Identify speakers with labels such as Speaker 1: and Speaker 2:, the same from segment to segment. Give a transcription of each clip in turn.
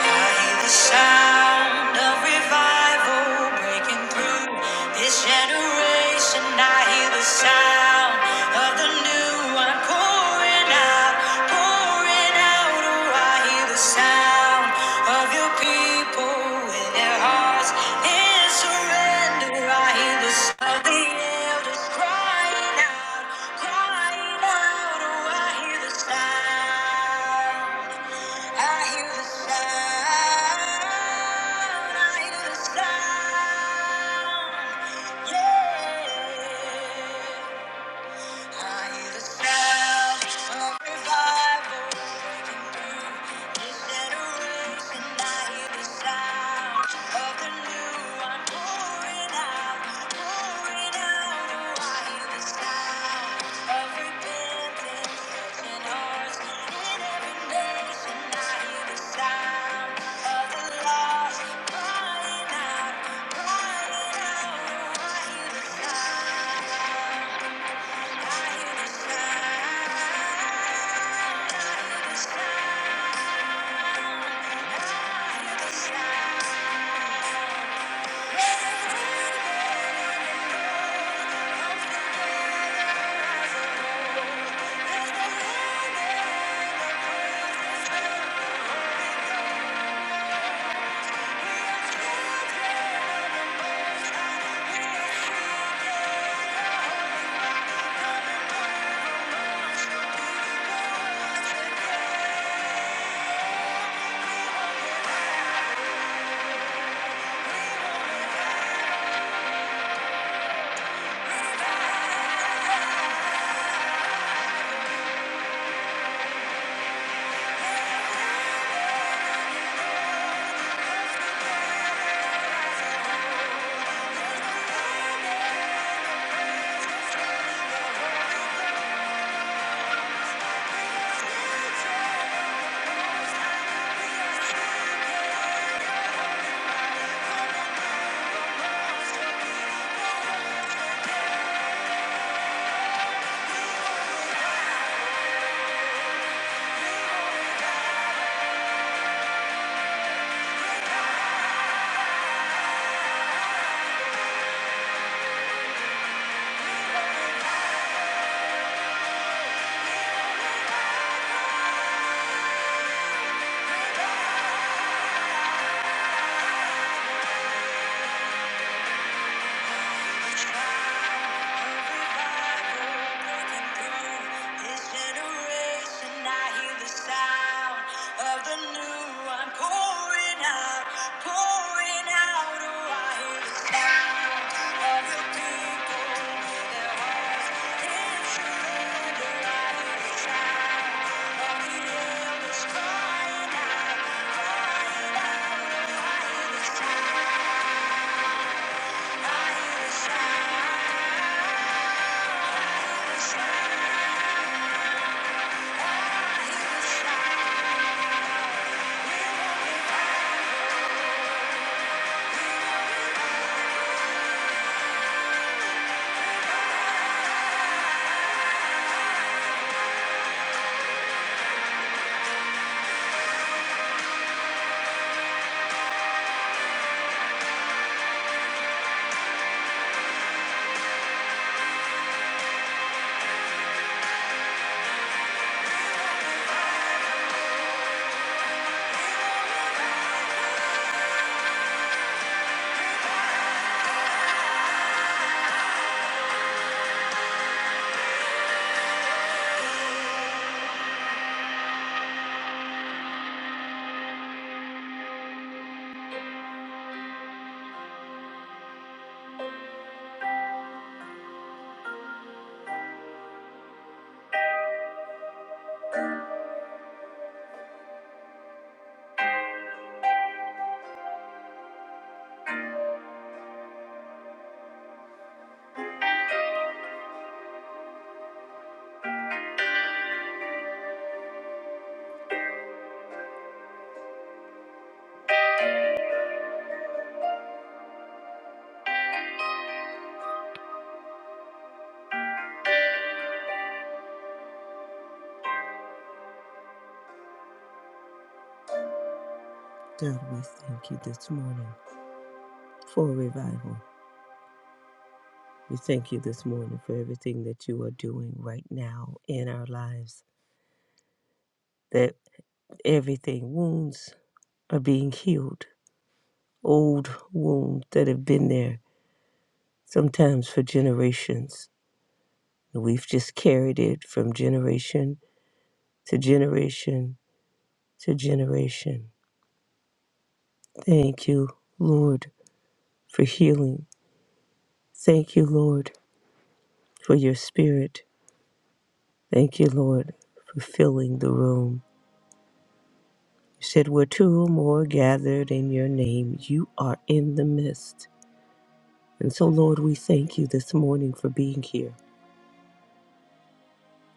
Speaker 1: I hear the sound of revival breaking through this generation. I hear the sound of the new one pouring out, pouring out. Oh, I hear the sound of your people with their hearts in surrender. I hear the sound of the elders crying out, crying out. Oh, I hear the sound. I hear the sound. I hear the sound. Yeah. I hear the sound of revival breaking through this generation. I hear the sound of the new one pouring out, pouring out. Oh, I hear the sound of repentance, touching hearts in every nation. I hear the sound of the lost crying out, crying out. Oh, I hear the sound we're Yeah. Thank you. God, we thank you this morning for revival. We thank you this morning for everything that you are doing right now in our lives, that everything, wounds are being healed, old wounds that have been there sometimes for generations. We've just carried it from generation to generation to generation. Thank you, Lord, for healing. Thank you, Lord, for your spirit. Thank you, Lord, for filling the room. You said, Where two or more gathered in your name, you are in the midst. And so, Lord, we thank you this morning for being here.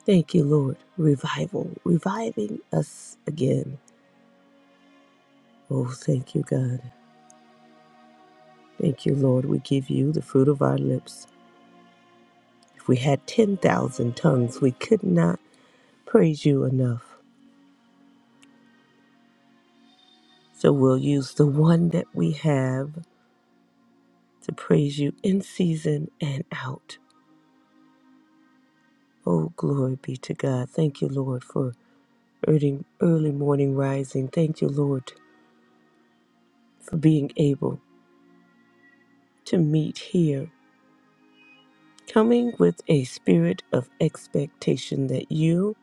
Speaker 1: Thank you, Lord. Revival, reviving us again. Oh, thank you, God. Thank you, Lord. We give you the fruit of our lips. If we had 10,000 tongues, we could not praise you enough. So we'll use the one that we have to praise you in season and out. Oh, glory be to God. Thank you, Lord, for early, early morning rising. Thank you, Lord, for being able to meet here, coming with a spirit of expectation that you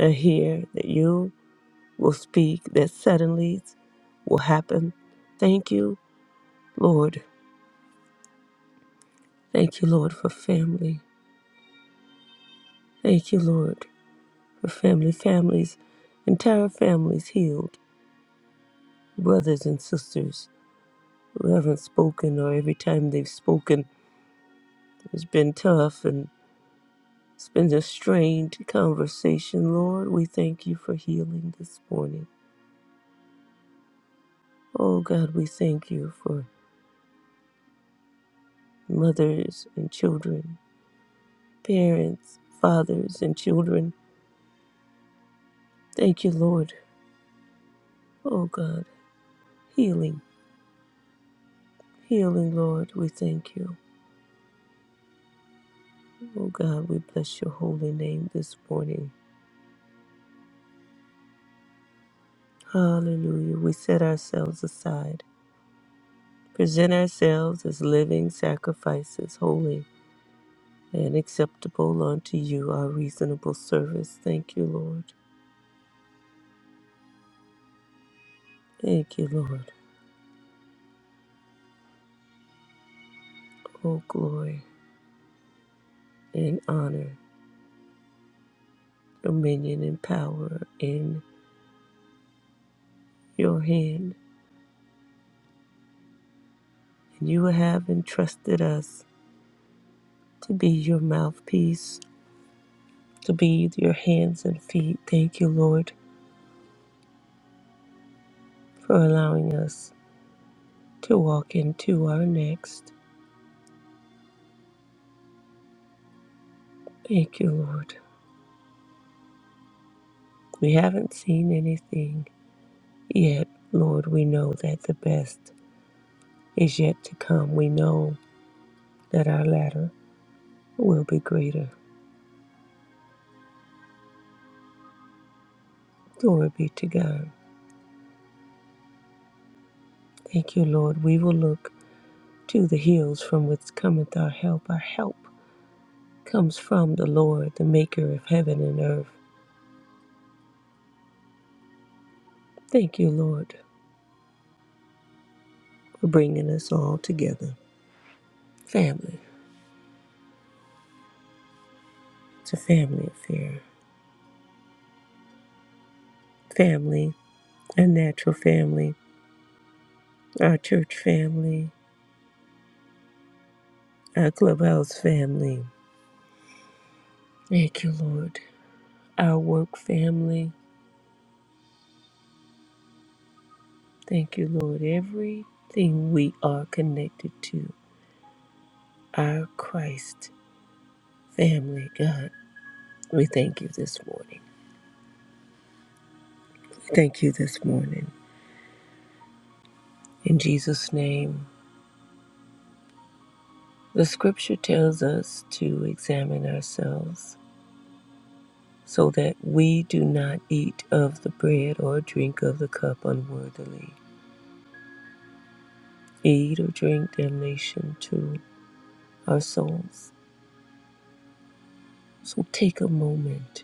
Speaker 1: are here, that you will speak, that suddenly will happen. Thank you, Lord. Thank you, Lord, for family. Thank you, Lord, for family, families, entire families healed, brothers and sisters who haven't spoken or every time they've spoken, it's been tough and. it been a strained conversation, Lord. We thank you for healing this morning. Oh God, we thank you for mothers and children, parents, fathers and children. Thank you, Lord. Oh God, healing, healing, Lord. We thank you. Oh God, we bless your holy name this morning. Hallelujah. We set ourselves aside, present ourselves as living sacrifices, holy and acceptable unto you our reasonable service. Thank you, Lord. Thank you, Lord. All glory and honor, dominion and power in your hand. And you have entrusted us to be your mouthpiece, to be your hands and feet. Thank you, Lord, for allowing us to walk into our next. Thank you, Lord. We haven't seen anything yet. Lord, we know that the best is yet to come. We know that our latter will be greater. Glory be to God. Thank you, Lord. We will look to the hills from which cometh our help. Our help comes from the Lord, the maker of heaven and earth. Thank you, Lord, for bringing us all together. Family. It's a family affair. Family, our natural family, our church family, our clubhouse family. Thank you, Lord. Our work family. Thank you, Lord. Everything we are connected to. our Christ family, God. We thank you this morning. We Thank you this morning. In Jesus' name, the scripture tells us to examine ourselves so that we do not eat of the bread or drink of the cup unworthily. Eat or drink damnation to our souls. So take a moment,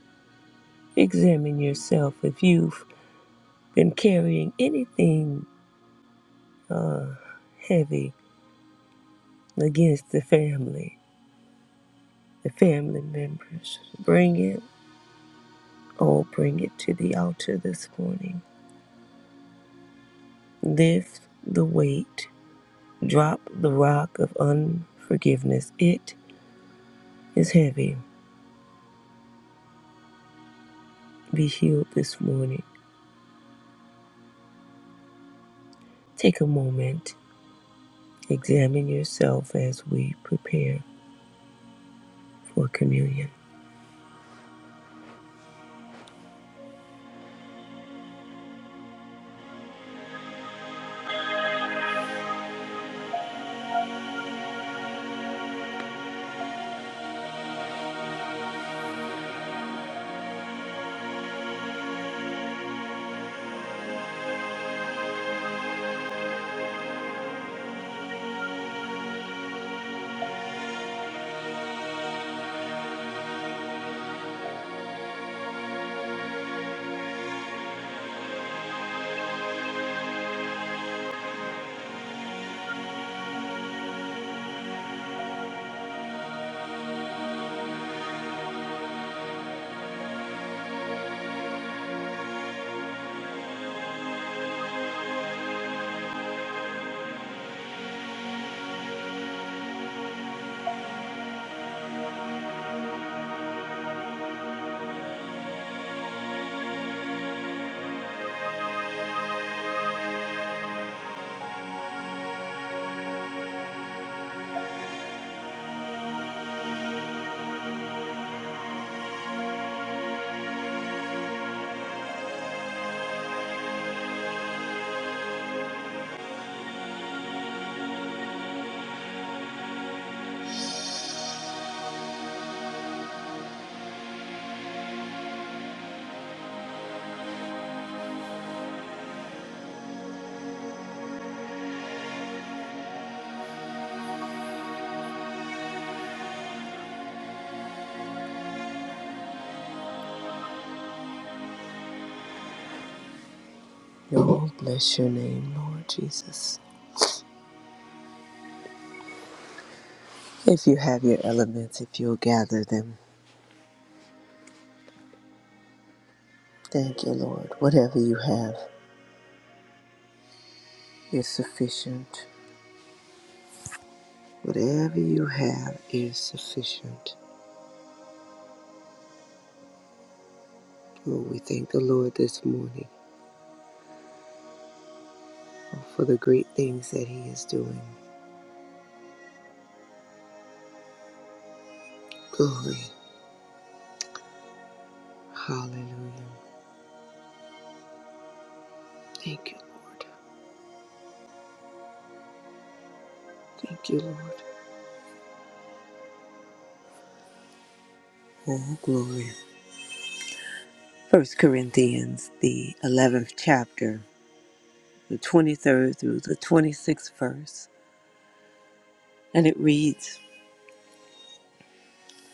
Speaker 1: examine yourself if you've been carrying anything uh, heavy against the family the family members. Bring it, oh, bring it to the altar this morning. Lift the weight, drop the rock of unforgiveness. It is heavy. Be healed this morning. Take a moment, examine yourself as we prepare for communion. Oh, bless your name, Lord Jesus. If you have your elements, if you'll gather them, thank you, Lord. Whatever you have is sufficient. Whatever you have is sufficient. Oh, we thank the Lord this morning for the great things that He is doing. Glory. Hallelujah. Thank you, Lord. Thank you, Lord. Oh, glory. First Corinthians, the 11th chapter, the 23rd through the 26th verse. And it reads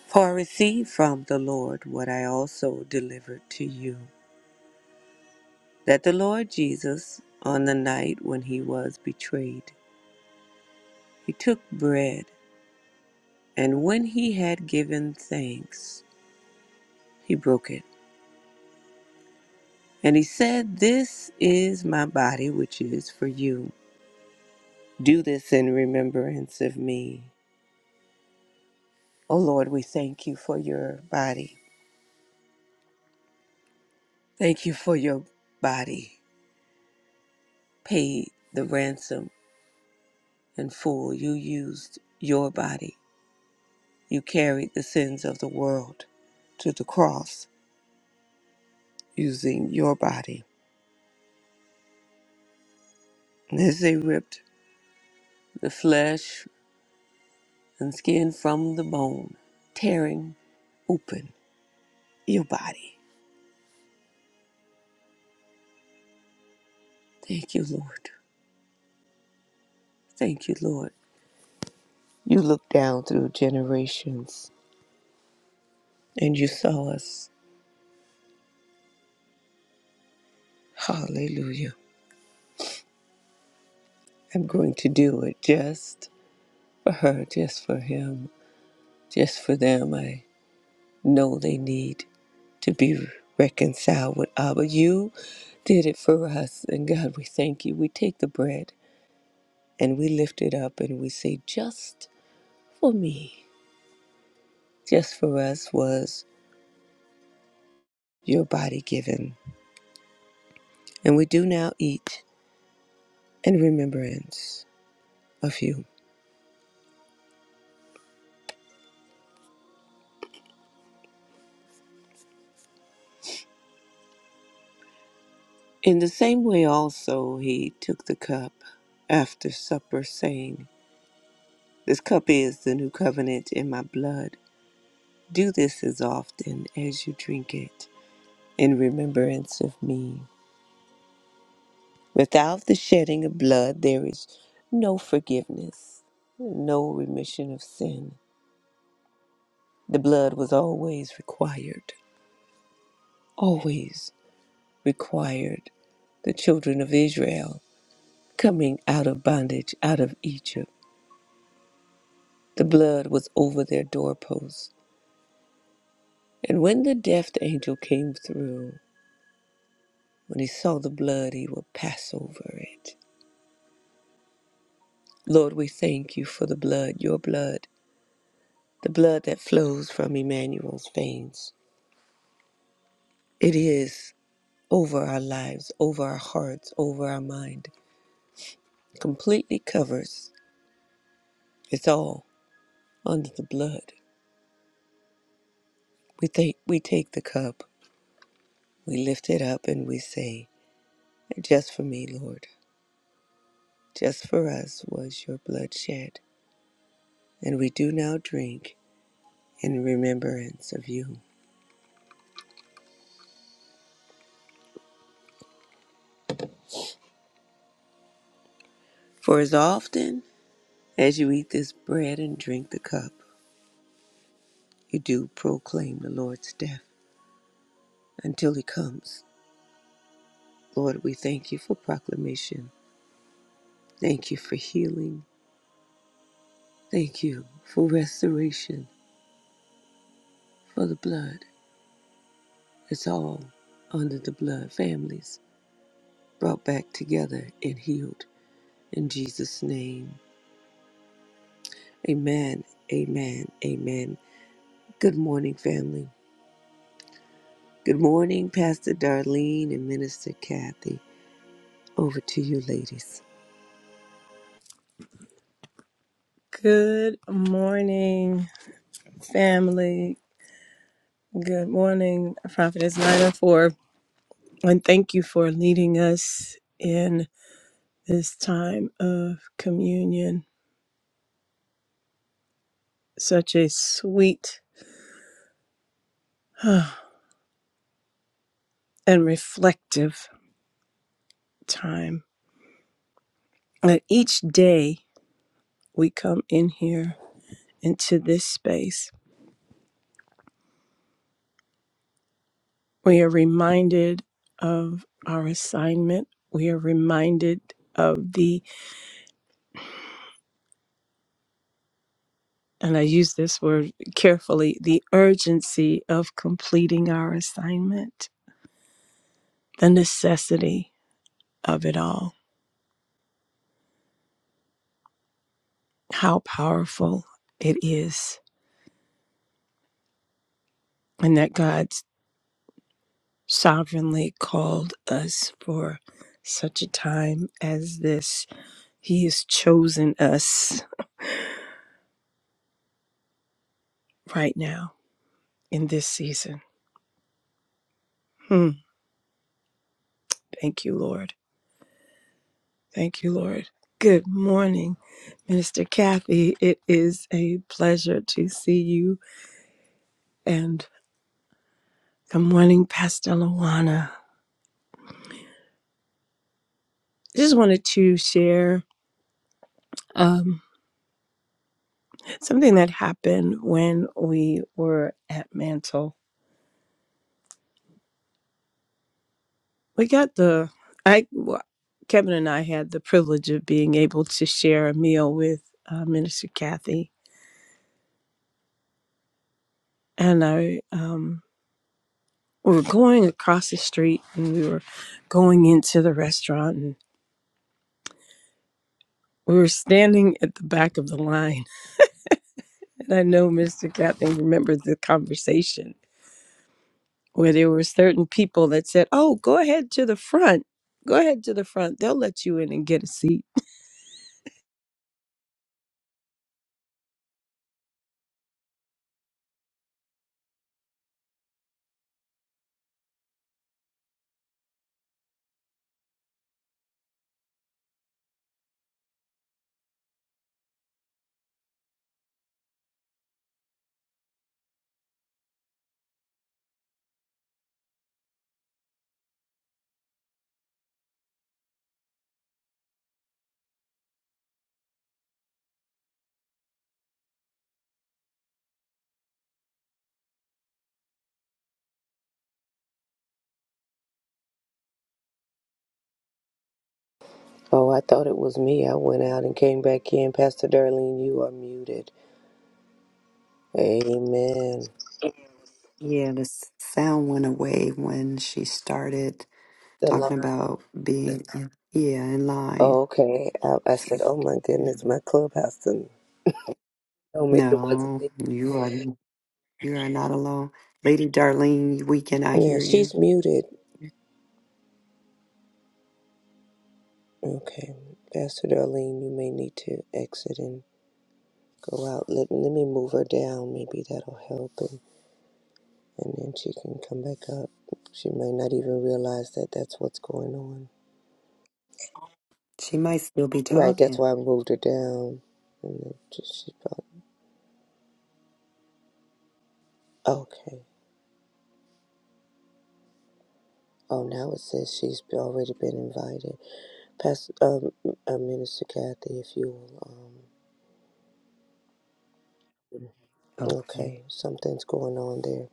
Speaker 1: For I received from the Lord what I also delivered to you, that the Lord Jesus, on the night when he was betrayed, He took bread, and when he had given thanks, he broke it. And he said, This is my body, which is for you. Do this in remembrance of me. O Lord, we thank you for your body. Thank you for your body. Paid the ransom in full. You used your body. You carried the sins of the world to the cross using your body. And as they ripped the flesh and skin from the bone, tearing open your body. Thank you, Lord. Thank you, Lord. You looked down through generations and you saw us. Hallelujah. I'm going to do it just for her, just for him, just for them. I know they need to be reconciled with Abba. You did it for us. And God, we thank you. We take the bread and we lift it up and we say, just for me. just for us was your body given. And we do now eat in remembrance of you. In the same way, also, he took the cup after supper, saying, This cup is the new covenant in my blood. Do this as often as you drink it in remembrance of me. Without the shedding of blood, there is no forgiveness, no remission of sin. The blood was always required, always. required the children of Israel coming out of bondage out of Egypt. The blood was over their doorposts. And when the death angel came through, when he saw the blood, he would pass over it. Lord, we thank you for the blood, your blood, the blood that flows from Emmanuel's veins. It is over our lives, over our hearts, over our mind. Completely covers. It's all under the blood. We take we take the cup. We lift it up and we say, Just for me, Lord, just for us was your blood shed, and we do now drink in remembrance of you. For as often as you eat this bread and drink the cup, you do proclaim the Lord's death until he comes. Lord, we thank you for proclamation. Thank you for healing. Thank you for restoration, for the blood. It's all under the blood. Families brought back together and healed. In Jesus' name. Amen. Amen. Amen. Good morning, family. Good morning, Pastor Darlene and Minister Kathy. Over to you, ladies.
Speaker 2: Good morning, family. Good morning, Prophetess Nina, for and thank you for leading us in this time of communion. Such a sweet and reflective time. That each day we come in here into this space, we are reminded of our assignment. We are reminded of the and I use this word carefully the urgency of completing our assignment, the necessity of it all, how powerful it is, and that God's sovereignly called us for such a time as this. He has chosen us right now in this season. Hmm. Thank you, Lord. Thank you, Lord. Good morning, Minister Kathy. It is a pleasure to see you. And Good morning, Pastor Luana. I just wanted to share um, something that happened when we were at Mantle. We got the I well, Kevin and I had the privilege of being able to share a meal with uh, Minister Kathy, and I um, we were going across the street, and we were going into the restaurant, and we were standing at the back of the line. And I know Mr. Kathy remembers the conversation where there were certain people that said, "Oh, go ahead to the front. Go ahead to the front. They'll let you in and get a seat."
Speaker 1: Oh, I thought it was me. I went out and came back in. Pastor Darlene, you are muted. Amen.
Speaker 3: Yeah, the s- sound went away when she started
Speaker 1: The
Speaker 3: talking
Speaker 1: line.
Speaker 3: about being, in, yeah, in line.
Speaker 1: Oh, okay. I, I said,
Speaker 3: So,
Speaker 1: oh my goodness,
Speaker 3: you-
Speaker 1: my clubhouse didn't tell me it wasn't
Speaker 3: no,
Speaker 1: me.
Speaker 3: you are you are not alone, Lady Darlene. We cannot
Speaker 1: Yeah,
Speaker 3: hear you.
Speaker 1: she's muted. Okay. Pastor Darlene, you may need to exit and. Go out. Let me let me move her down. Maybe that'll help, and and then she can come back up. She might not even realize that that's what's going on.
Speaker 3: She might still be
Speaker 1: Right.
Speaker 3: talking.
Speaker 1: That's why I moved her down. And then she probably okay. Oh, now it says she's already been invited. Pastor, um, uh, Minister Kathy, if you'll, um, okay,
Speaker 3: Okay.
Speaker 1: something's going on there.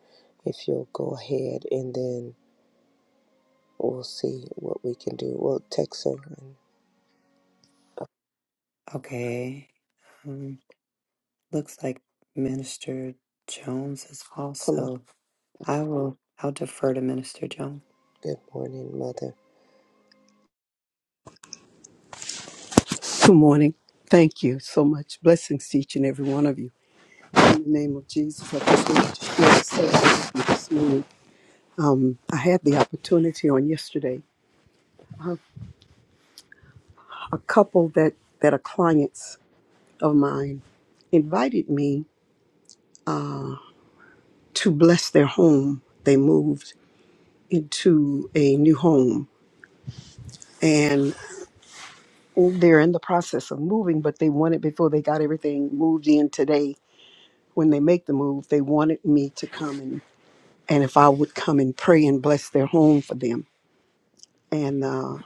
Speaker 1: If you'll go ahead and then we'll see what we can do. We'll text her and
Speaker 3: Okay. Um, looks like Minister Jones is
Speaker 1: come on.
Speaker 3: also. I will. I'll defer to Minister Jones.
Speaker 1: Good morning, Mother.
Speaker 4: Good morning. Thank you so much. Blessings to each and every one of you. In the name of Jesus, I just wanted to share this with you this morning. Um, I had the opportunity on yesterday. A, a couple that, that are clients of mine invited me to bless their home. They moved into a new home and they're in the process of moving, but they wanted, before they got everything moved in today, when they make the move, they wanted me to come and if I would come and pray and bless their home for them. And uh,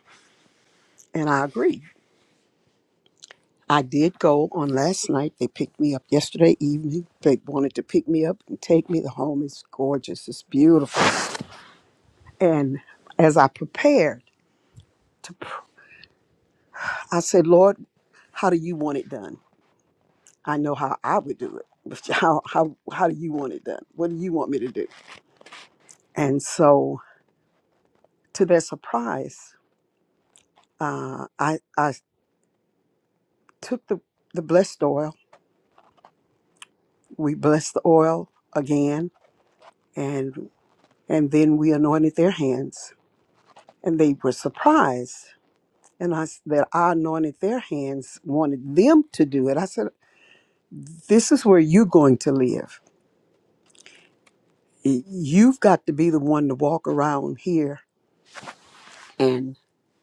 Speaker 4: and I agreed. I did go on last night. They picked me up yesterday evening. They wanted to pick me up and take me. The home is gorgeous. It's beautiful. And as I prepared to, pr- I said, Lord, how do you want it done? I know how I would do it, but how how how do you want it done? What do you want me to do? And so, to their surprise, uh, I I took the the blessed oil we blessed the oil again and and then we anointed their hands and they were surprised and I, s- that I anointed their hands wanted them to do it. I said, This is where you're going to live. Y- You've got to be the one to walk around here and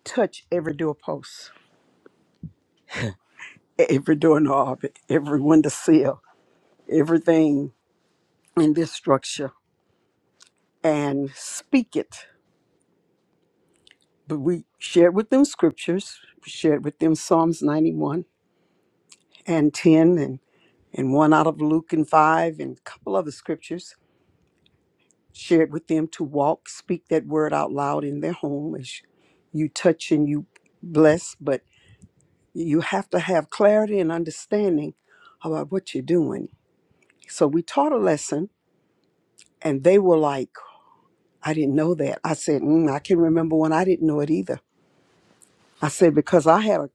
Speaker 4: touch every doorpost, every doorknob, every window sill, everything in this structure and speak it. But we shared with them scriptures, shared with them Psalms 91 and 10 and, and one out of Luke and 5 and a couple other scriptures shared with them to walk, speak that word out loud in their home as you touch and you bless, but you have to have clarity and understanding about what you're doing. So we taught a lesson and they were like, I didn't know that. I said, mm, I can remember when I didn't know it either. I said, because I had a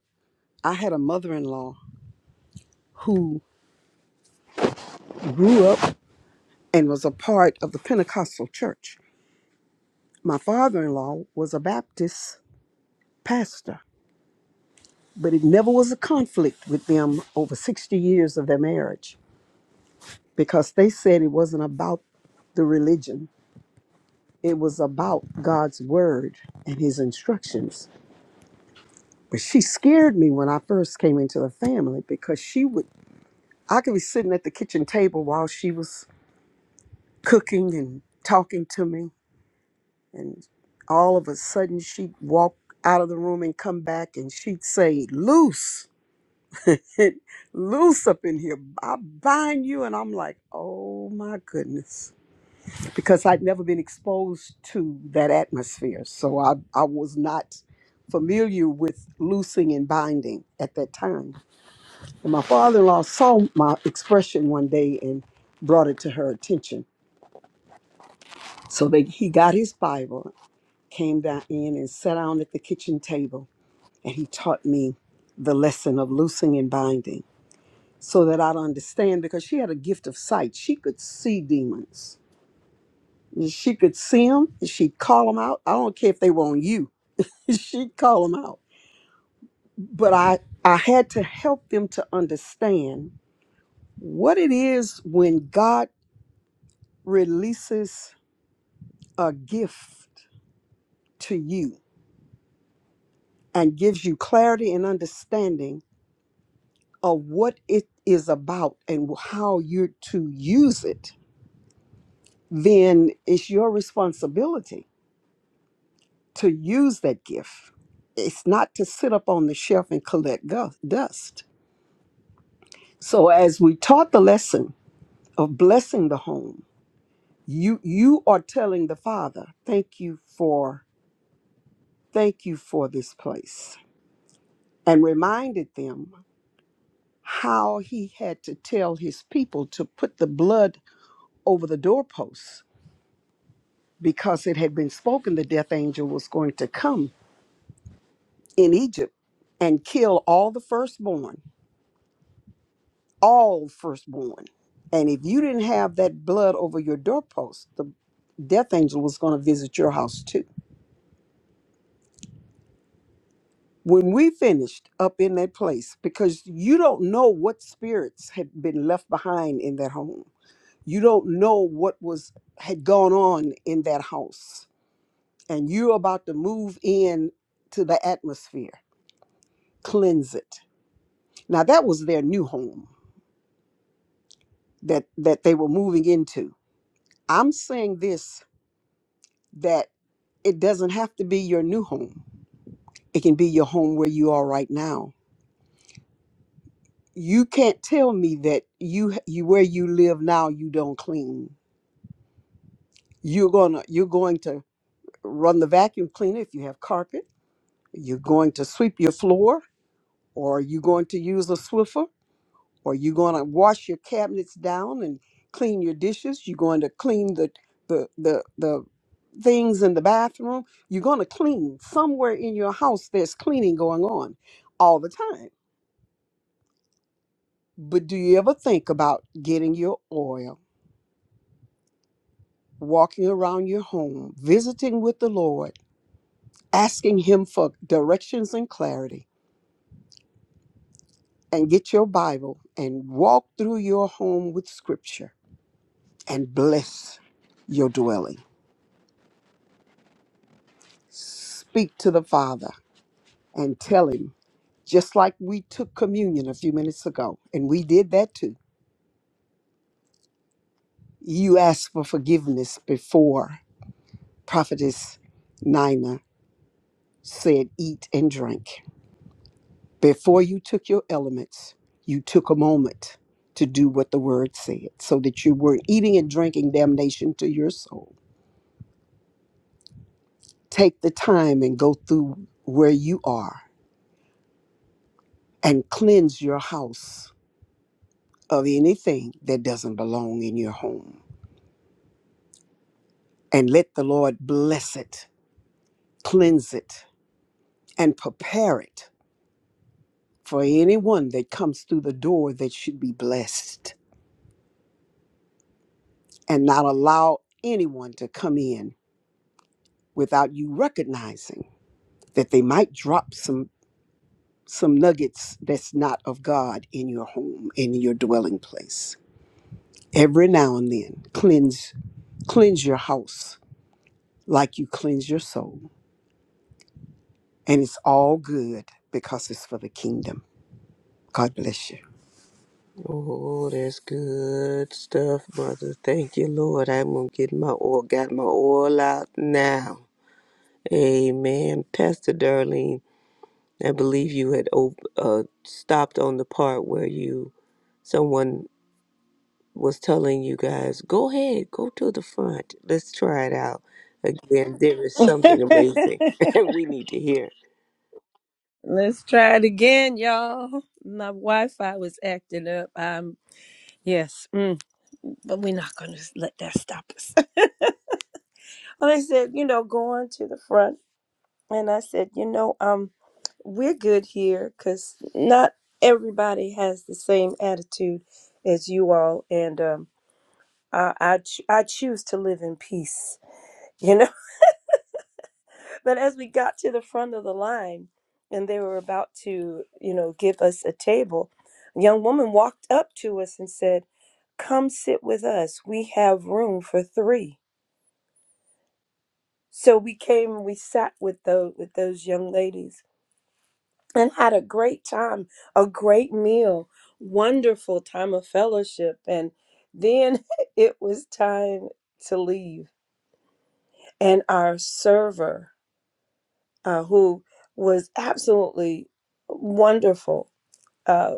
Speaker 4: I had a mother-in-law who grew up and was a part of the Pentecostal church My father in law was a Baptist pastor, but it never was a conflict with them over 60 years of their marriage because they said it wasn't about the religion, it was about God's word and his instructions. But she scared me when I first came into the family because she would, I could be sitting at the kitchen table while she was cooking and talking to me, and all of a sudden she'd walk out of the room and come back and she'd say, Loose. and loose up in here. I bind you. And I'm like, oh my goodness. Because I'd never been exposed to that atmosphere. So I, I was not familiar with loosing and binding at that time. And my father in law saw my expression one day and brought it to her attention. So they, he got his Bible, came down in and sat down at the kitchen table, and he taught me the lesson of loosing and binding so that I'd understand because she had a gift of sight. She could see demons. She could see them and she'd call them out. I don't care if they were on you. She'd call them out. But I I had to help them to understand what it is when God releases a gift to you and gives you clarity and understanding of what it is about and how you're to use it, then it's your responsibility to use that gift. It's not to sit up on the shelf and collect gu- dust. So as we taught the lesson of blessing the home, you you are telling the father, thank you for thank you for this place and reminded them how he had to tell his people to put the blood over the doorposts because it had been spoken the death angel was going to come in Egypt and kill all the firstborn all firstborn. And if you didn't have that blood over your doorpost, the death angel was going to visit your house too. When we finished up in that place, because you don't know what spirits had been left behind in that home. You don't know what was had gone on in that house. And you're about to move in to the atmosphere. Cleanse it. Now that was their new home that that they were moving into. I'm saying this that It doesn't have to be your new home. It can be your home where you are right now. You can't tell me that you you where you live now you don't clean. You're gonna you're going to run the vacuum cleaner if you have carpet. You're going to sweep your floor, or you're going to use a Swiffer, or you're going to wash your cabinets down and clean your dishes. You're going to clean the the the the things in the bathroom. You're going to clean somewhere in your house. There's cleaning going on all the time But do you ever think about getting your oil, walking around your home, visiting with the Lord, asking Him for directions and clarity, and get your Bible and walk through your home with Scripture and bless your dwelling? Speak to the Father and tell Him, just like we took communion a few minutes ago, and we did that too. You asked for forgiveness before Prophetess Nina said, Eat and drink Before you took your elements, you took a moment to do what the word said so that you weren't eating and drinking damnation to your soul. Take the time and go through where you are and cleanse your house of anything that doesn't belong in your home. And let the Lord bless it, cleanse it, and prepare it for anyone that comes through the door that should be blessed and not allow anyone to come in without you recognizing that they might drop some some nuggets that's not of God in your home in your dwelling place. Every now and then, cleanse cleanse your house like you cleanse your soul, and it's all good because it's for the kingdom. God bless you.
Speaker 1: Oh, that's good stuff, mother. Thank you, Lord. I'm gonna get my oil, got my oil out now. Amen. Pastor Darlene, I believe you had op- uh, stopped on the part where you someone was telling you guys, go ahead, go to the front. Let's try it out. Again, there is something amazing we need to hear.
Speaker 2: Let's try it again, y'all. My Wi-Fi was acting up. Um, yes, mm, but we're not gonna let that stop us. well, they said, you know, go on to the front, and I said, you know, um, we're good here because not everybody has the same attitude as you all, and um, I I, ch- I choose to live in peace. You know. But as we got to the front of the line and they were about to, you know, give us a table, a young woman walked up to us and said, Come sit with us. We have room for three." So we came and we sat with those with those young ladies and had a great time, a great meal, wonderful time of fellowship. And then it was time to leave. And our server, uh, who was absolutely wonderful, uh,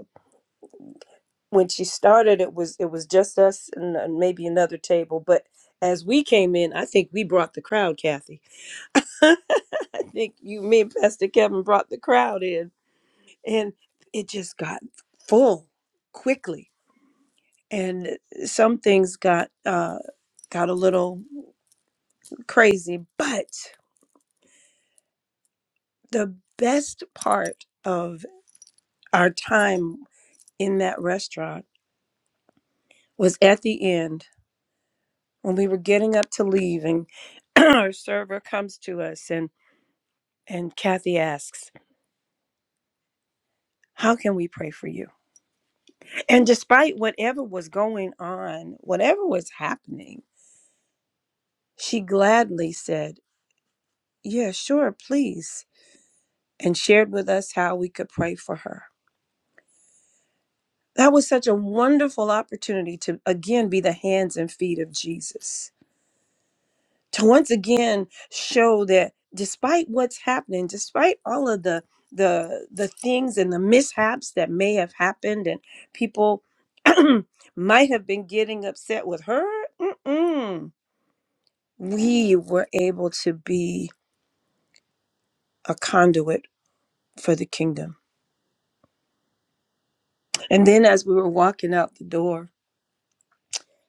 Speaker 2: when she started, it was it was just us and, and maybe another table. But as we came in, I think we brought the crowd, Kathy. I think you, me, and Pastor Kevin brought the crowd in, and it just got full quickly. And some things got uh, got a little crazy. But the best part of our time in that restaurant was at the end when we were getting up to leave and our server comes to us and and Kathy asks, "How can we pray for you?" And despite whatever was going on, whatever was happening, she gladly said, "Yeah, sure, please." And shared with us how we could pray for her. That was such a wonderful opportunity to again be the hands and feet of Jesus to once again show that despite what's happening despite all of the the the things and the mishaps that may have happened and people might have been getting upset with her mm-mm, we were able to be a conduit for the kingdom and then as we were walking out the door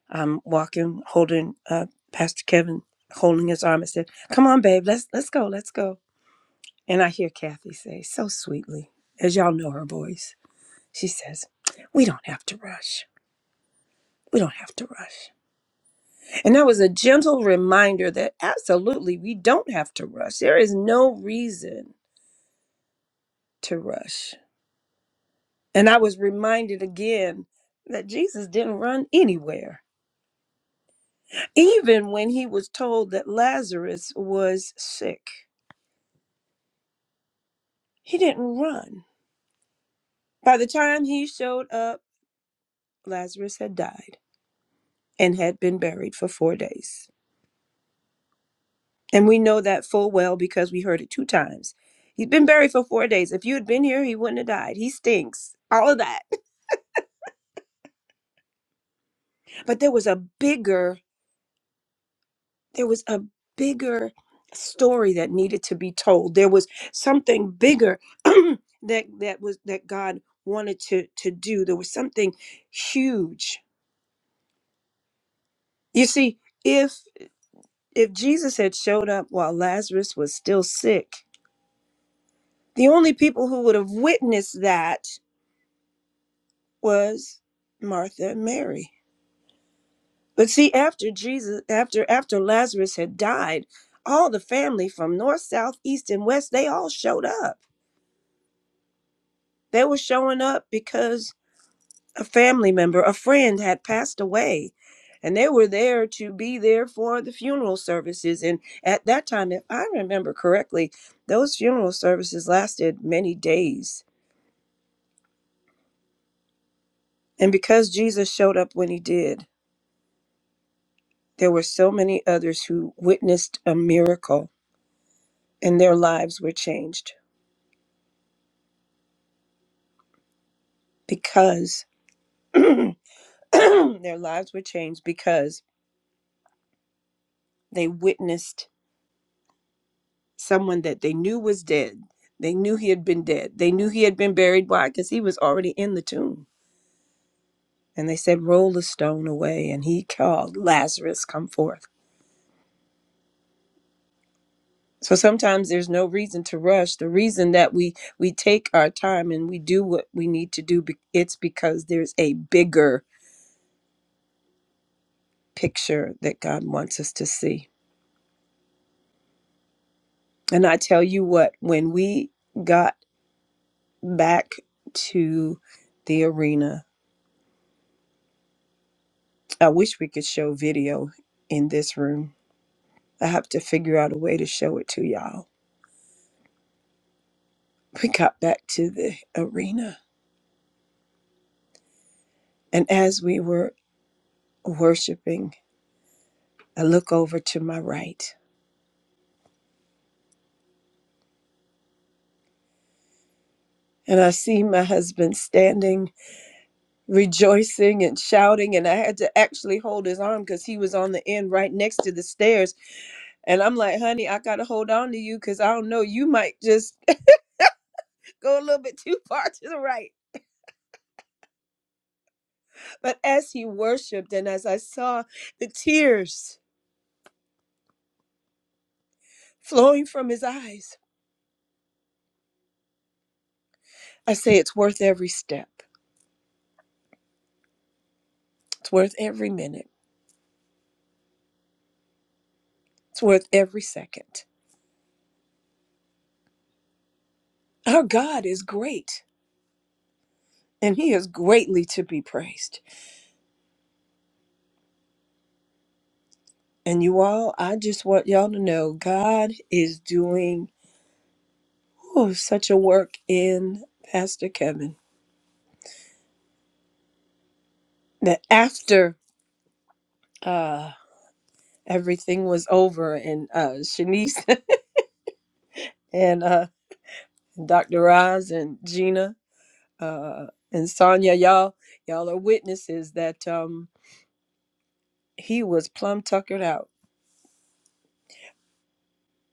Speaker 2: i'm walking holding uh pastor kevin holding his arm and said come on babe let's let's go let's go And I hear Kathy say so sweetly, as y'all know her voice, she says, We don't have to rush. We don't have to rush. And that was a gentle reminder that absolutely we don't have to rush. There is no reason to rush. And I was reminded again that Jesus didn't run anywhere. Even when he was told that Lazarus was sick, he didn't run. By the time he showed up, Lazarus had died and had been buried for four days. And we know that full well because we heard it two times. He's been buried for four days. If you had been here, he wouldn't have died. He stinks. All of that. But there was a bigger, there was a bigger story that needed to be told. There was something bigger that that was that God wanted to to do. There was something huge. You see, if if Jesus had showed up while Lazarus was still sick, the only people who would have witnessed that was Martha and Mary. But see, after Jesus, after after Lazarus had died, all the family from north, south, east, and west, they all showed up. They were showing up because a family member, a friend had passed away. And they were there to be there for the funeral services. And at that time, if I remember correctly, those funeral services lasted many days. And because Jesus showed up when he did, there were so many others who witnessed a miracle and their lives were changed because their lives were changed because they witnessed someone that they knew was dead. They knew he had been dead. They knew he had been buried. Why? Because he was already in the tomb. And they said, Roll the stone away. And he called, Lazarus, come forth. So sometimes there's no reason to rush. The reason that we we take our time and we do what we need to do, it's because there's a bigger picture that God wants us to see. And I tell you what, when we got back to the arena. I wish we could show video in this room. I have to figure out a way to show it to y'all. We got back to the arena. And as we were worshiping, I look over to my right and I see my husband standing, rejoicing and shouting. And I had to actually hold his arm because he was on the end right next to the stairs. And I'm like, honey, I got to hold on to you because I don't know, you might just go a little bit too far to the right. But as he worshiped and as I saw the tears flowing from his eyes, I say it's worth every step. It's worth every minute. It's worth every second. Our God is great and he is greatly to be praised. And you all, I just want y'all to know God is doing oh, such a work in Pastor Kevin that after uh, everything was over and uh, Shanice and uh, Dr. Roz and Gina uh, and Sonya, y'all, y'all are witnesses that um, he was plumb tuckered out,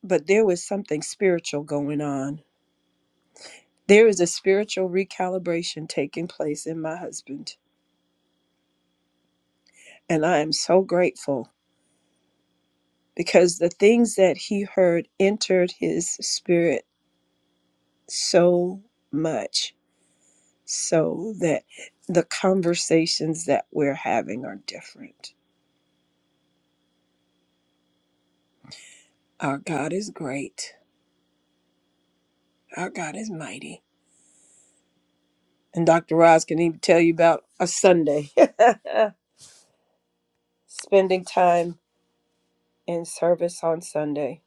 Speaker 2: but there was something spiritual going on. There is a spiritual recalibration taking place in my husband, and I am so grateful because the things that he heard entered his spirit so much, so that the conversations that we're having are different. Our God is great. Our God is mighty. And Dr. Roz can even tell you about a Sunday, spending time in service on Sunday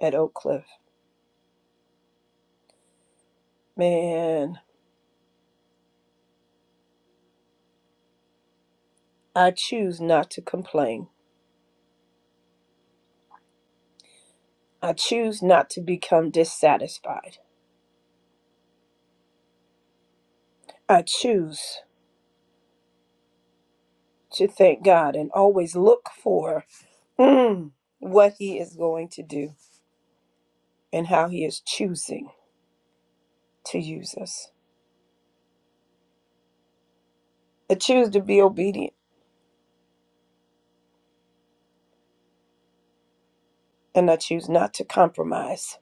Speaker 2: at Oak Cliff. Man, I choose not to complain. I choose not to become dissatisfied. I choose to thank God and always look for mm, what He is going to do and how He is choosing to use us. I choose to be obedient and I choose not to compromise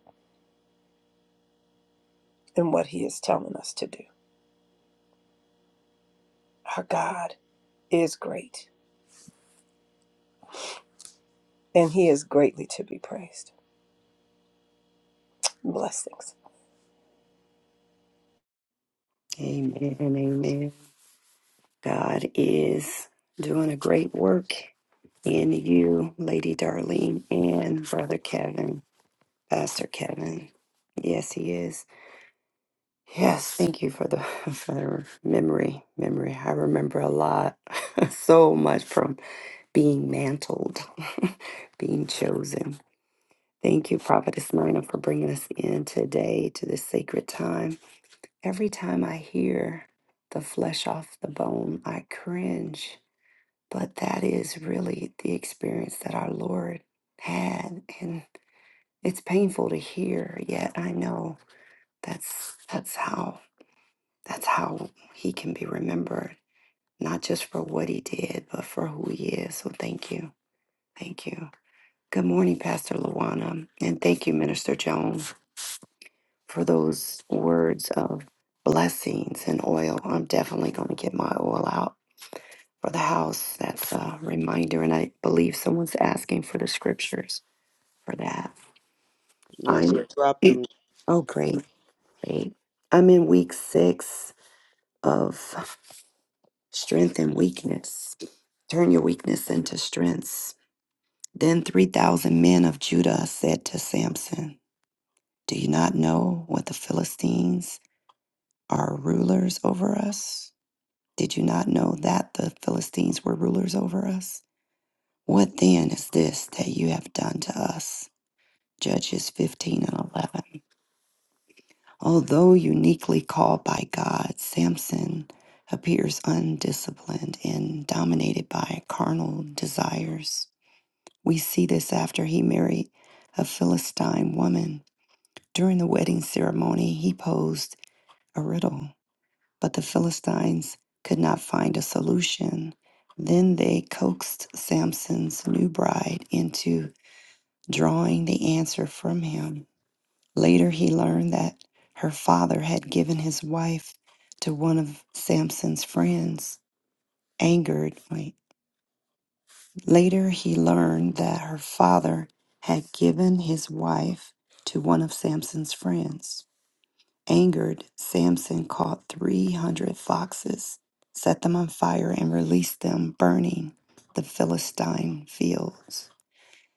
Speaker 2: in what He is telling us to do. Our God. is great, and he is greatly to be praised. Blessings.
Speaker 3: Amen. Amen. God is doing a great work in you, Lady Darlene, and Brother Kevin, Pastor Kevin. Yes, he is. Yes, thank you for the for the memory. Memory. I remember a lot, so much from being mantled, being chosen. Thank you, Prophetess Nina, for bringing us in today to this sacred time. Every time I hear the flesh off the bone, I cringe. But that is really the experience that our Lord had. And it's painful to hear, yet I know that's that's how that's how he can be remembered, not just for what he did, but for who he is. So thank you. Thank you. Good morning, Pastor Luana. And thank you, Minister Joan. for those words of blessings and oil. I'm definitely going to get my oil out for the house. That's a reminder. And I believe someone's asking for the scriptures for that.
Speaker 1: Yes, she
Speaker 3: I'm,
Speaker 1: dropped them.
Speaker 3: oh, great, great. I'm in week six of strength and weakness. Turn your weakness into strengths. Then 3,000 men of Judah said to Samson, Do you not know what the Philistines are rulers over us? Did you not know that the Philistines were rulers over us? What then is this that you have done to us? Judges 15 and 11. Although uniquely called by God, Samson appears undisciplined and dominated by carnal desires. We see this after he married a Philistine woman. During the wedding ceremony, he posed a riddle But the Philistines could not find a solution. Then they coaxed Samson's new bride into drawing the answer from him. Later, he learned that her father had given his wife to one of Samson's friends. Angered, wait. Later, he learned that her father had given his wife to one of Samson's friends. Angered, Samson caught 300 foxes, set them on fire, and released them, burning the Philistine fields.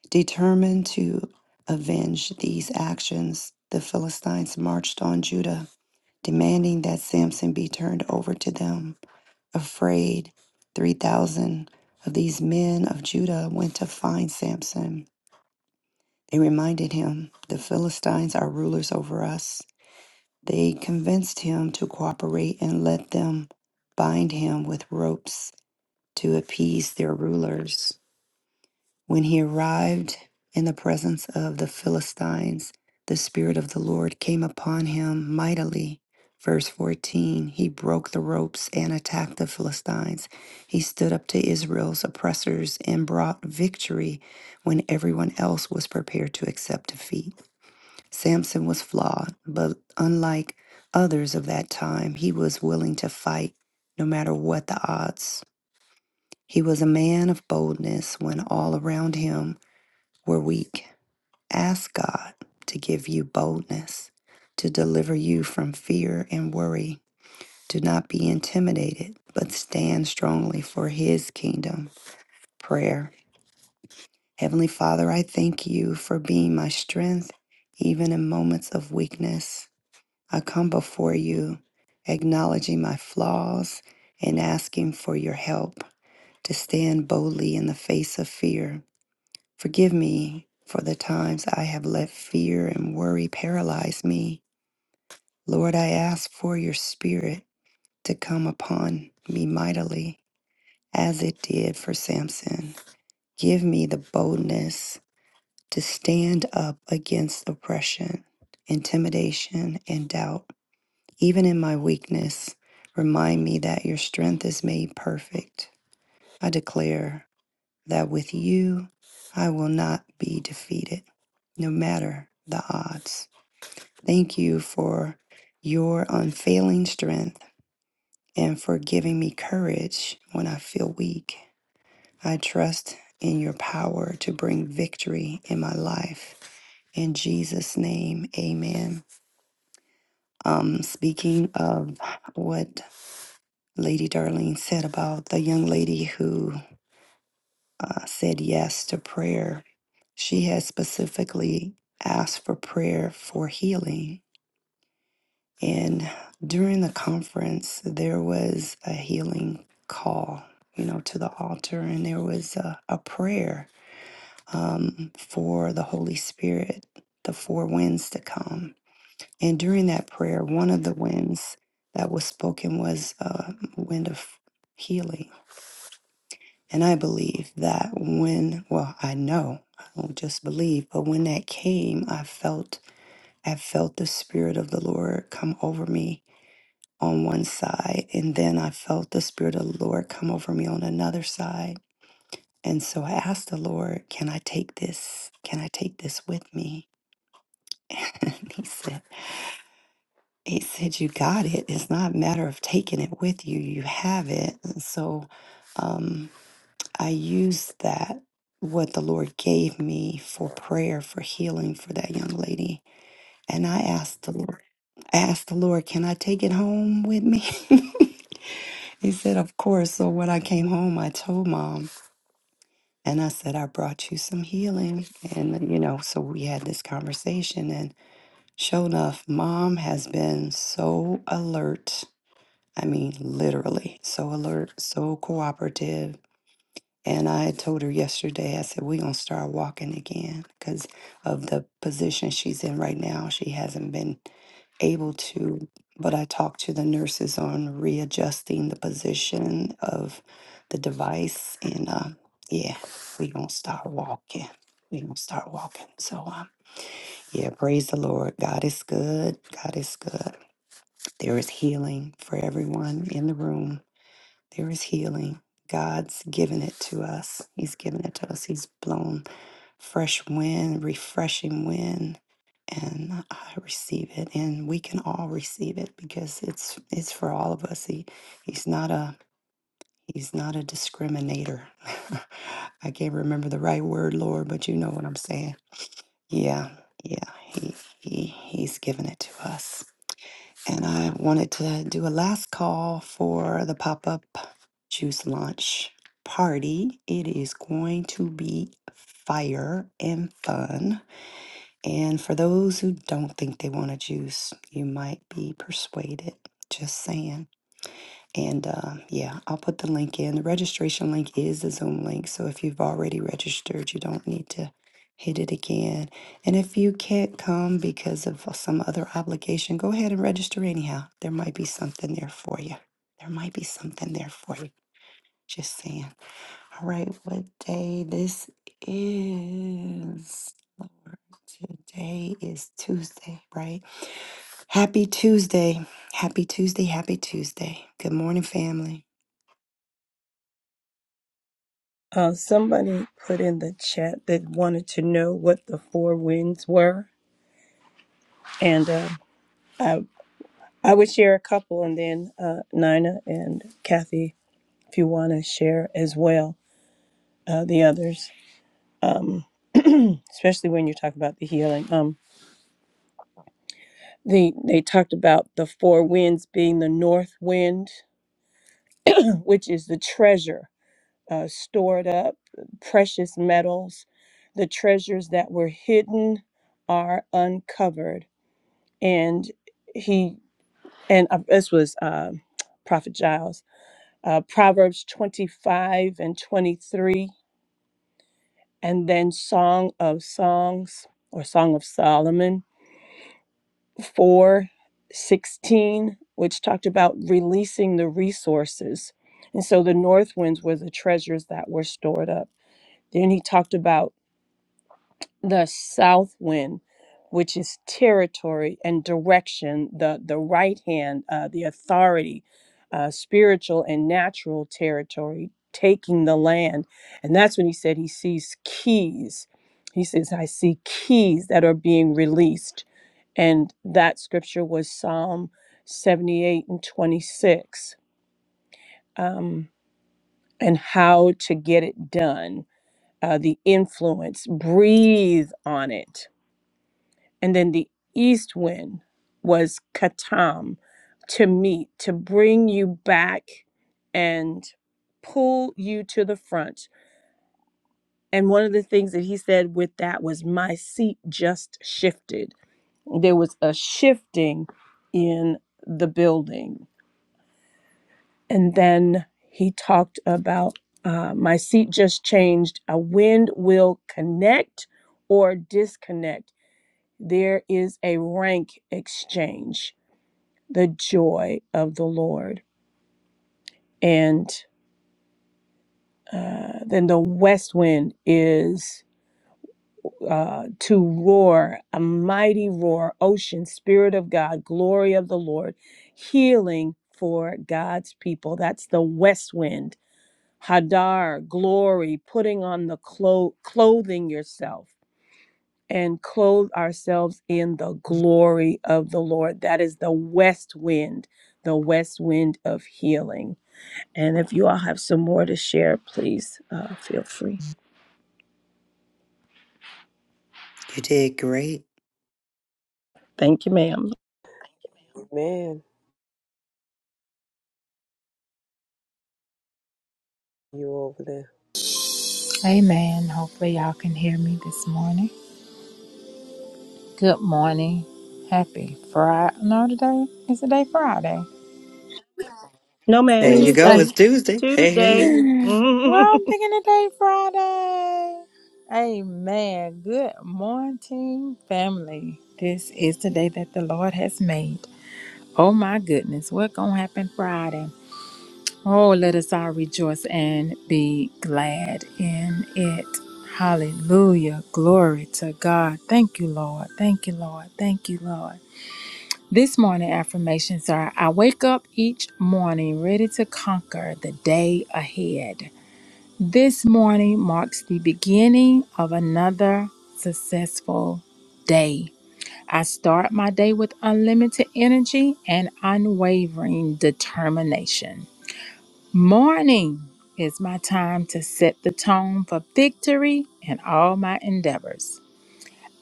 Speaker 3: Determined to avenge these actions, the Philistines marched on Judah, demanding that Samson be turned over to them. Afraid, 3,000 of these men of Judah went to find Samson. They reminded him, The Philistines are rulers over us. They convinced him to cooperate and let them bind him with ropes to appease their rulers. When he arrived in the presence of the Philistines, the Spirit of the Lord came upon him mightily. Verse 14 He broke the ropes and attacked the Philistines. He stood up to Israel's oppressors and brought victory when everyone else was prepared to accept defeat. Samson was flawed, but unlike others of that time, he was willing to fight no matter what the odds. He was a man of boldness when all around him were weak. Ask God to give you boldness, to deliver you from fear and worry. Do not be intimidated, but stand strongly for his kingdom. Prayer. Heavenly Father, I thank you for being my strength, even in moments of weakness. I come before you acknowledging my flaws and asking for your help to stand boldly in the face of fear. Forgive me for the times I have let fear and worry paralyze me. Lord, I ask for your spirit to come upon me mightily as it did for Samson. Give me the boldness to stand up against oppression, intimidation, and doubt. Even in my weakness, remind me that your strength is made perfect. I declare that with you, I will not be defeated, no matter the odds. Thank you for your unfailing strength and for giving me courage when I feel weak. I trust in your power to bring victory in my life. In Jesus' name, amen. Um, speaking of what Lady Darlene said about the young lady who uh, said yes to prayer. She had specifically asked for prayer for healing. And during the conference, there was a healing call, you know, to the altar, and there was a, a prayer um, for the Holy Spirit, the four winds to come. And during that prayer, one of the winds that was spoken was a wind of healing And I believe that when, well, I know, I don't just believe, but when that came, I felt, I felt the Spirit of the Lord come over me on one side. And then I felt the Spirit of the Lord come over me on another side. And so I asked the Lord, can I take this? Can I take this with me? And he said, he said, you got it. It's not a matter of taking it with you. You have it. And so, um, I used that, what the Lord gave me for prayer, for healing for that young lady. And I asked the Lord, I asked the Lord, can I take it home with me? he said, of course. So when I came home, I told mom and I said, I brought you some healing. And, you know, so we had this conversation. And sure enough, mom has been so alert. I mean, literally, so alert, so cooperative And I had told her yesterday, I said, we're going to start walking again because of the position she's in right now. She hasn't been able to. But I talked to the nurses on readjusting the position of the device. And uh, yeah, we're going to start walking. We're going to start walking. So, um, yeah, praise the Lord. God is good. God is good. There is healing for everyone in the room there is healing. God's given it to us. He's given it to us. He's blown fresh wind, refreshing wind, and I receive it. And we can all receive it because it's it's for all of us. He he's not a he's not a discriminator. I can't remember the right word, Lord, but you know what I'm saying. Yeah, yeah. He he he's given it to us. And I wanted to do a last call for the pop up juice launch party. It is going to be fire and fun. And for those who don't think they want a juice, you might be persuaded. Just saying. And uh, yeah, I'll put the link in. The registration link is the Zoom link. So if you've already registered, you don't need to hit it again. And if you can't come because of some other obligation, go ahead and register anyhow. There might be something there for you. There might be something there for you. Just saying. All right, what day this is? Lord, today is Tuesday, right? Happy Tuesday. Happy Tuesday. Happy Tuesday. Good morning, family.
Speaker 2: Uh, somebody put in the chat that wanted to know what the four winds were, and uh, I I would share a couple, and then uh, Nina and Kathy, if you want to share as well, uh, the others, um, especially when you talk about the healing. Um, the they talked about the four winds being the north wind, which is the treasure uh, stored up, precious metals. The treasures that were hidden are uncovered. And he, and uh, this was uh, Prophet Giles, uh, Proverbs 25 and 23, and then Song of Songs or Song of Solomon 4:16, which talked about releasing the resources. And so the north winds were the treasures that were stored up. Then he talked about the south wind, which is territory and direction, the, the right hand, uh, the authority, uh, spiritual and natural territory, taking the land. And that's when he said he sees keys. He says, I see keys that are being released. And that scripture was Psalm 78 and 26. Um, and how to get it done, uh, the influence, breathe on it And then the east wind was katam, to meet, to bring you back and pull you to the front. And one of the things that he said with that was, My seat just shifted. There was a shifting in the building. And then he talked about, uh, My seat just changed. A wind will connect or disconnect. There is a rank exchange the joy of the Lord. And uh, then the west wind is uh, to roar, a mighty roar, ocean, spirit of God, glory of the Lord, healing for God's people. That's the west wind. Hadar, glory, putting on the clo- clothing yourself and clothe ourselves in the glory of the Lord. That is the west wind, the west wind of healing And if you all have some more to share, please uh, feel free.
Speaker 3: You did great.
Speaker 2: Thank you, ma'am.
Speaker 1: Man, you over there.
Speaker 5: Amen. Hopefully, y'all can hear me this morning. Good morning. Happy Friday. No, today is the day Friday.
Speaker 2: No, ma'am.
Speaker 3: There you go.
Speaker 5: Tuesday.
Speaker 3: It's
Speaker 2: Tuesday.
Speaker 3: Tuesday. Hey, hey,
Speaker 2: Tuesday.
Speaker 3: hey.
Speaker 5: Well, I'm picking the day Friday. Amen. Good morning, family. This is the day that the Lord has made. Oh, my goodness. What's going to happen Friday? Oh, let us all rejoice and be glad in it. Hallelujah. Glory to God. Thank you, Lord. Thank you, Lord. Thank you, Lord. This morning affirmations are I wake up each morning ready to conquer the day ahead. This morning marks the beginning of another successful day. I start my day with unlimited energy and unwavering determination. Morning is my time to set the tone for victory in all my endeavors.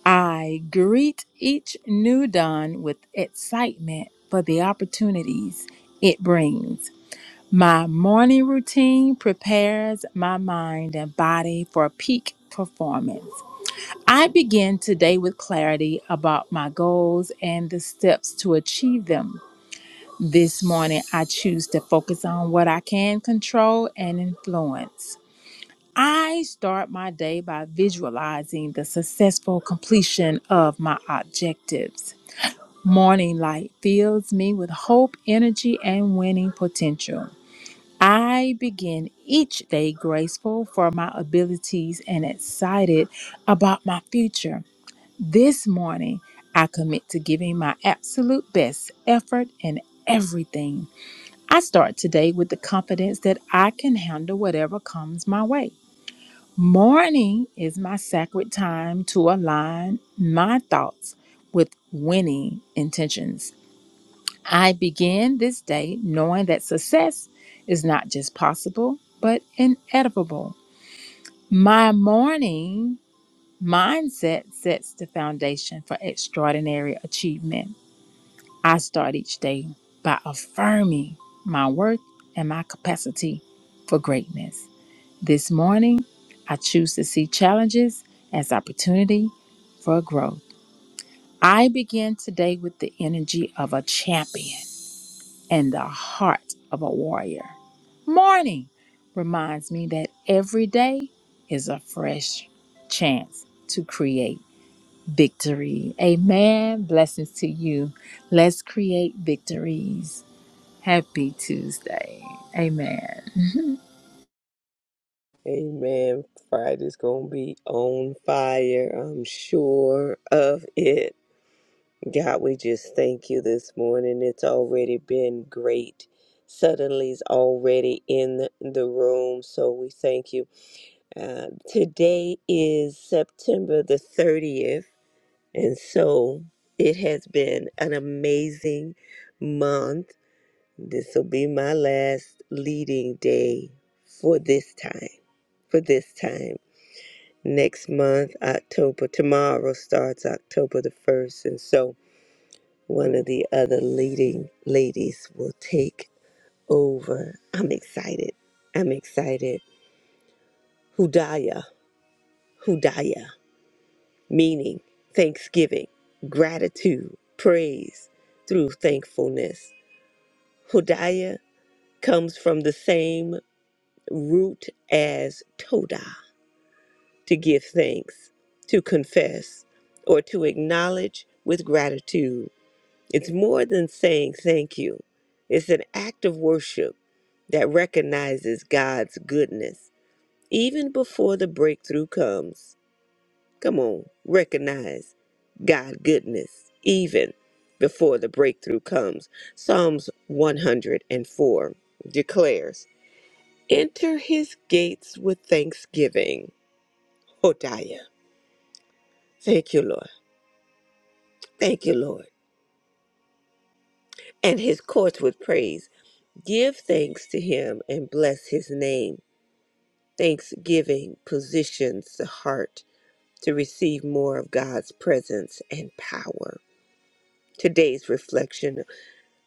Speaker 5: I greet each new dawn with excitement for the opportunities it brings. My morning routine prepares my mind and body for peak performance. I begin today with clarity about my goals and the steps to achieve them. This morning, I choose to focus on what I can control and influence. I start my day by visualizing the successful completion of my objectives. Morning light fills me with hope, energy, and winning potential. I begin each day graceful for my abilities and excited about my future. This morning, I commit to giving my absolute best effort in everything. I start today with the confidence that I can handle whatever comes my way. Morning is my sacred time to align my thoughts with winning intentions. I begin this day knowing that success is not just possible, but inevitable. My morning mindset sets the foundation for extraordinary achievement. I start each day by affirming my worth and my capacity for greatness. This morning, I choose to see challenges as opportunity for growth. I begin today with the energy of a champion and the heart of a warrior. Morning reminds me that every day is a fresh chance to create victory. Amen. Blessings to you. Let's create victories. Happy Tuesday. Amen.
Speaker 1: Amen. Friday's going to be on fire. I'm sure of it. God, we just thank you this morning. It's already been great. Suddenly's already in the room. So we thank you. Uh, today is September the 30th. And so it has been an amazing month. This will be my last leading day for this time. For this time next month, October. Tomorrow starts October the 1st. And so one of the other leading ladies will take over. I'm excited. I'm excited. Hudaya, Hudaya, meaning thanksgiving, gratitude, praise through thankfulness. Hudaya comes from the same root as Toda, to give thanks, to confess, or to acknowledge with gratitude It's more than saying thank you, it's an act of worship that recognizes God's goodness even before the breakthrough comes. Come on, recognize God goodness even before the breakthrough comes. Psalms 104 declares, "Enter his gates with thanksgiving." Hodiah. Thank you, Lord. Thank you, Lord. And his courts with praise. Give thanks to him and bless his name. Thanksgiving positions the heart to receive more of God's presence and power. Today's reflection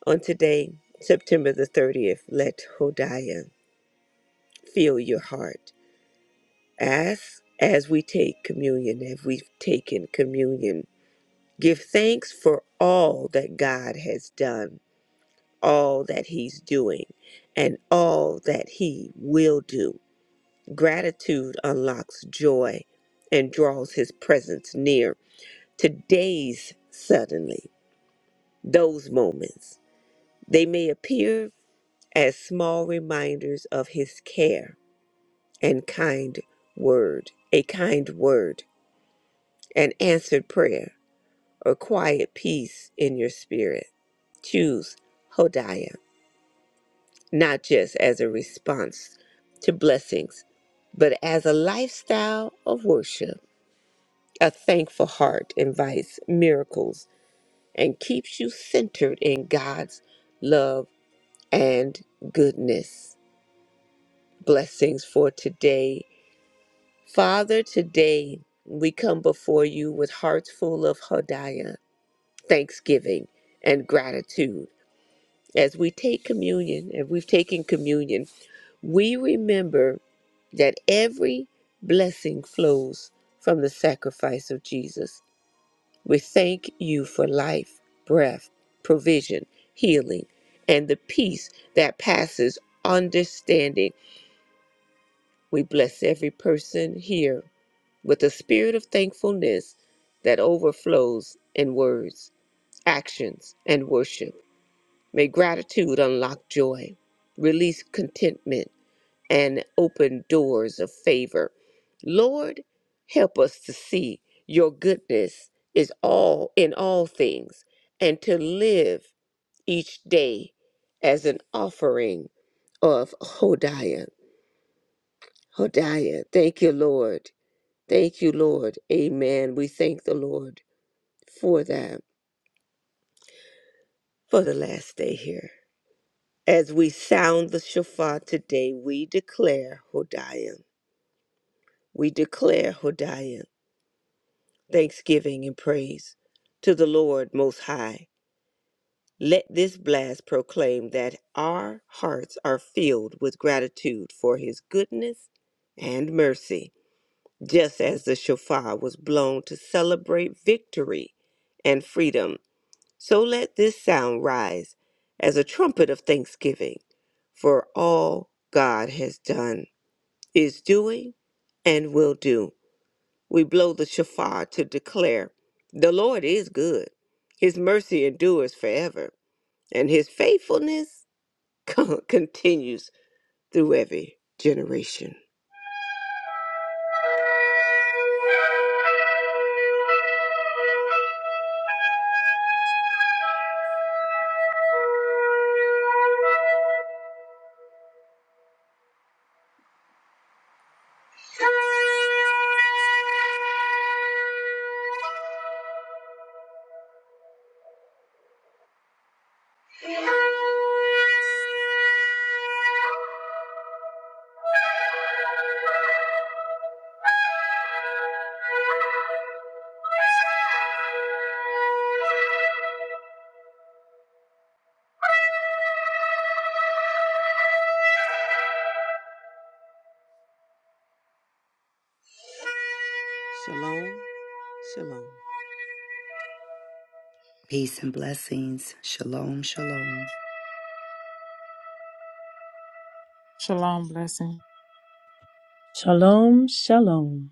Speaker 1: on today, September the 30th, let Hodiah fill your heart. Ask as we take communion, as we've taken communion. Give thanks for all that God has done, all that He's doing, and all that He will do. Gratitude unlocks joy and draws his presence near. Today's suddenly, those moments, they may appear as small reminders of his care and kind word, a kind word, an answered prayer, or quiet peace in your spirit. Choose Hodiah, not just as a response to blessings, but as a lifestyle of worship A thankful heart invites miracles and keeps you centered in God's love and goodness. Blessings for today. Father, today we come before you with hearts full of hodiah, thanksgiving, and gratitude. As we take communion, and we've taken communion, we remember that every blessing flows from the sacrifice of Jesus. We thank you for life, breath, provision, healing, and the peace that passes understanding. We bless every person here with a spirit of thankfulness that overflows in words, actions, and worship. May gratitude unlock joy, release contentment and open doors of favor. Lord, help us to see your goodness is all in all things and to live each day as an offering of Hodiah. Hodiah, thank you, Lord. Thank you, Lord. Amen. We thank the Lord for that, for the last day here. As we sound the shofar today, we declare Hodiah. We declare Hodiah. thanksgiving and praise to the Lord Most High. Let this blast proclaim that our hearts are filled with gratitude for His goodness and mercy, just as the shofar was blown to celebrate victory and freedom. So let this sound rise as a trumpet of thanksgiving for all God has done, is doing, and will do we blow the shofar to declare the Lord is good. His mercy endures forever, and his faithfulness continues through every generation. Shalom, shalom.
Speaker 3: Peace and blessings. Shalom, shalom.
Speaker 5: Shalom blessing.
Speaker 2: Shalom, shalom.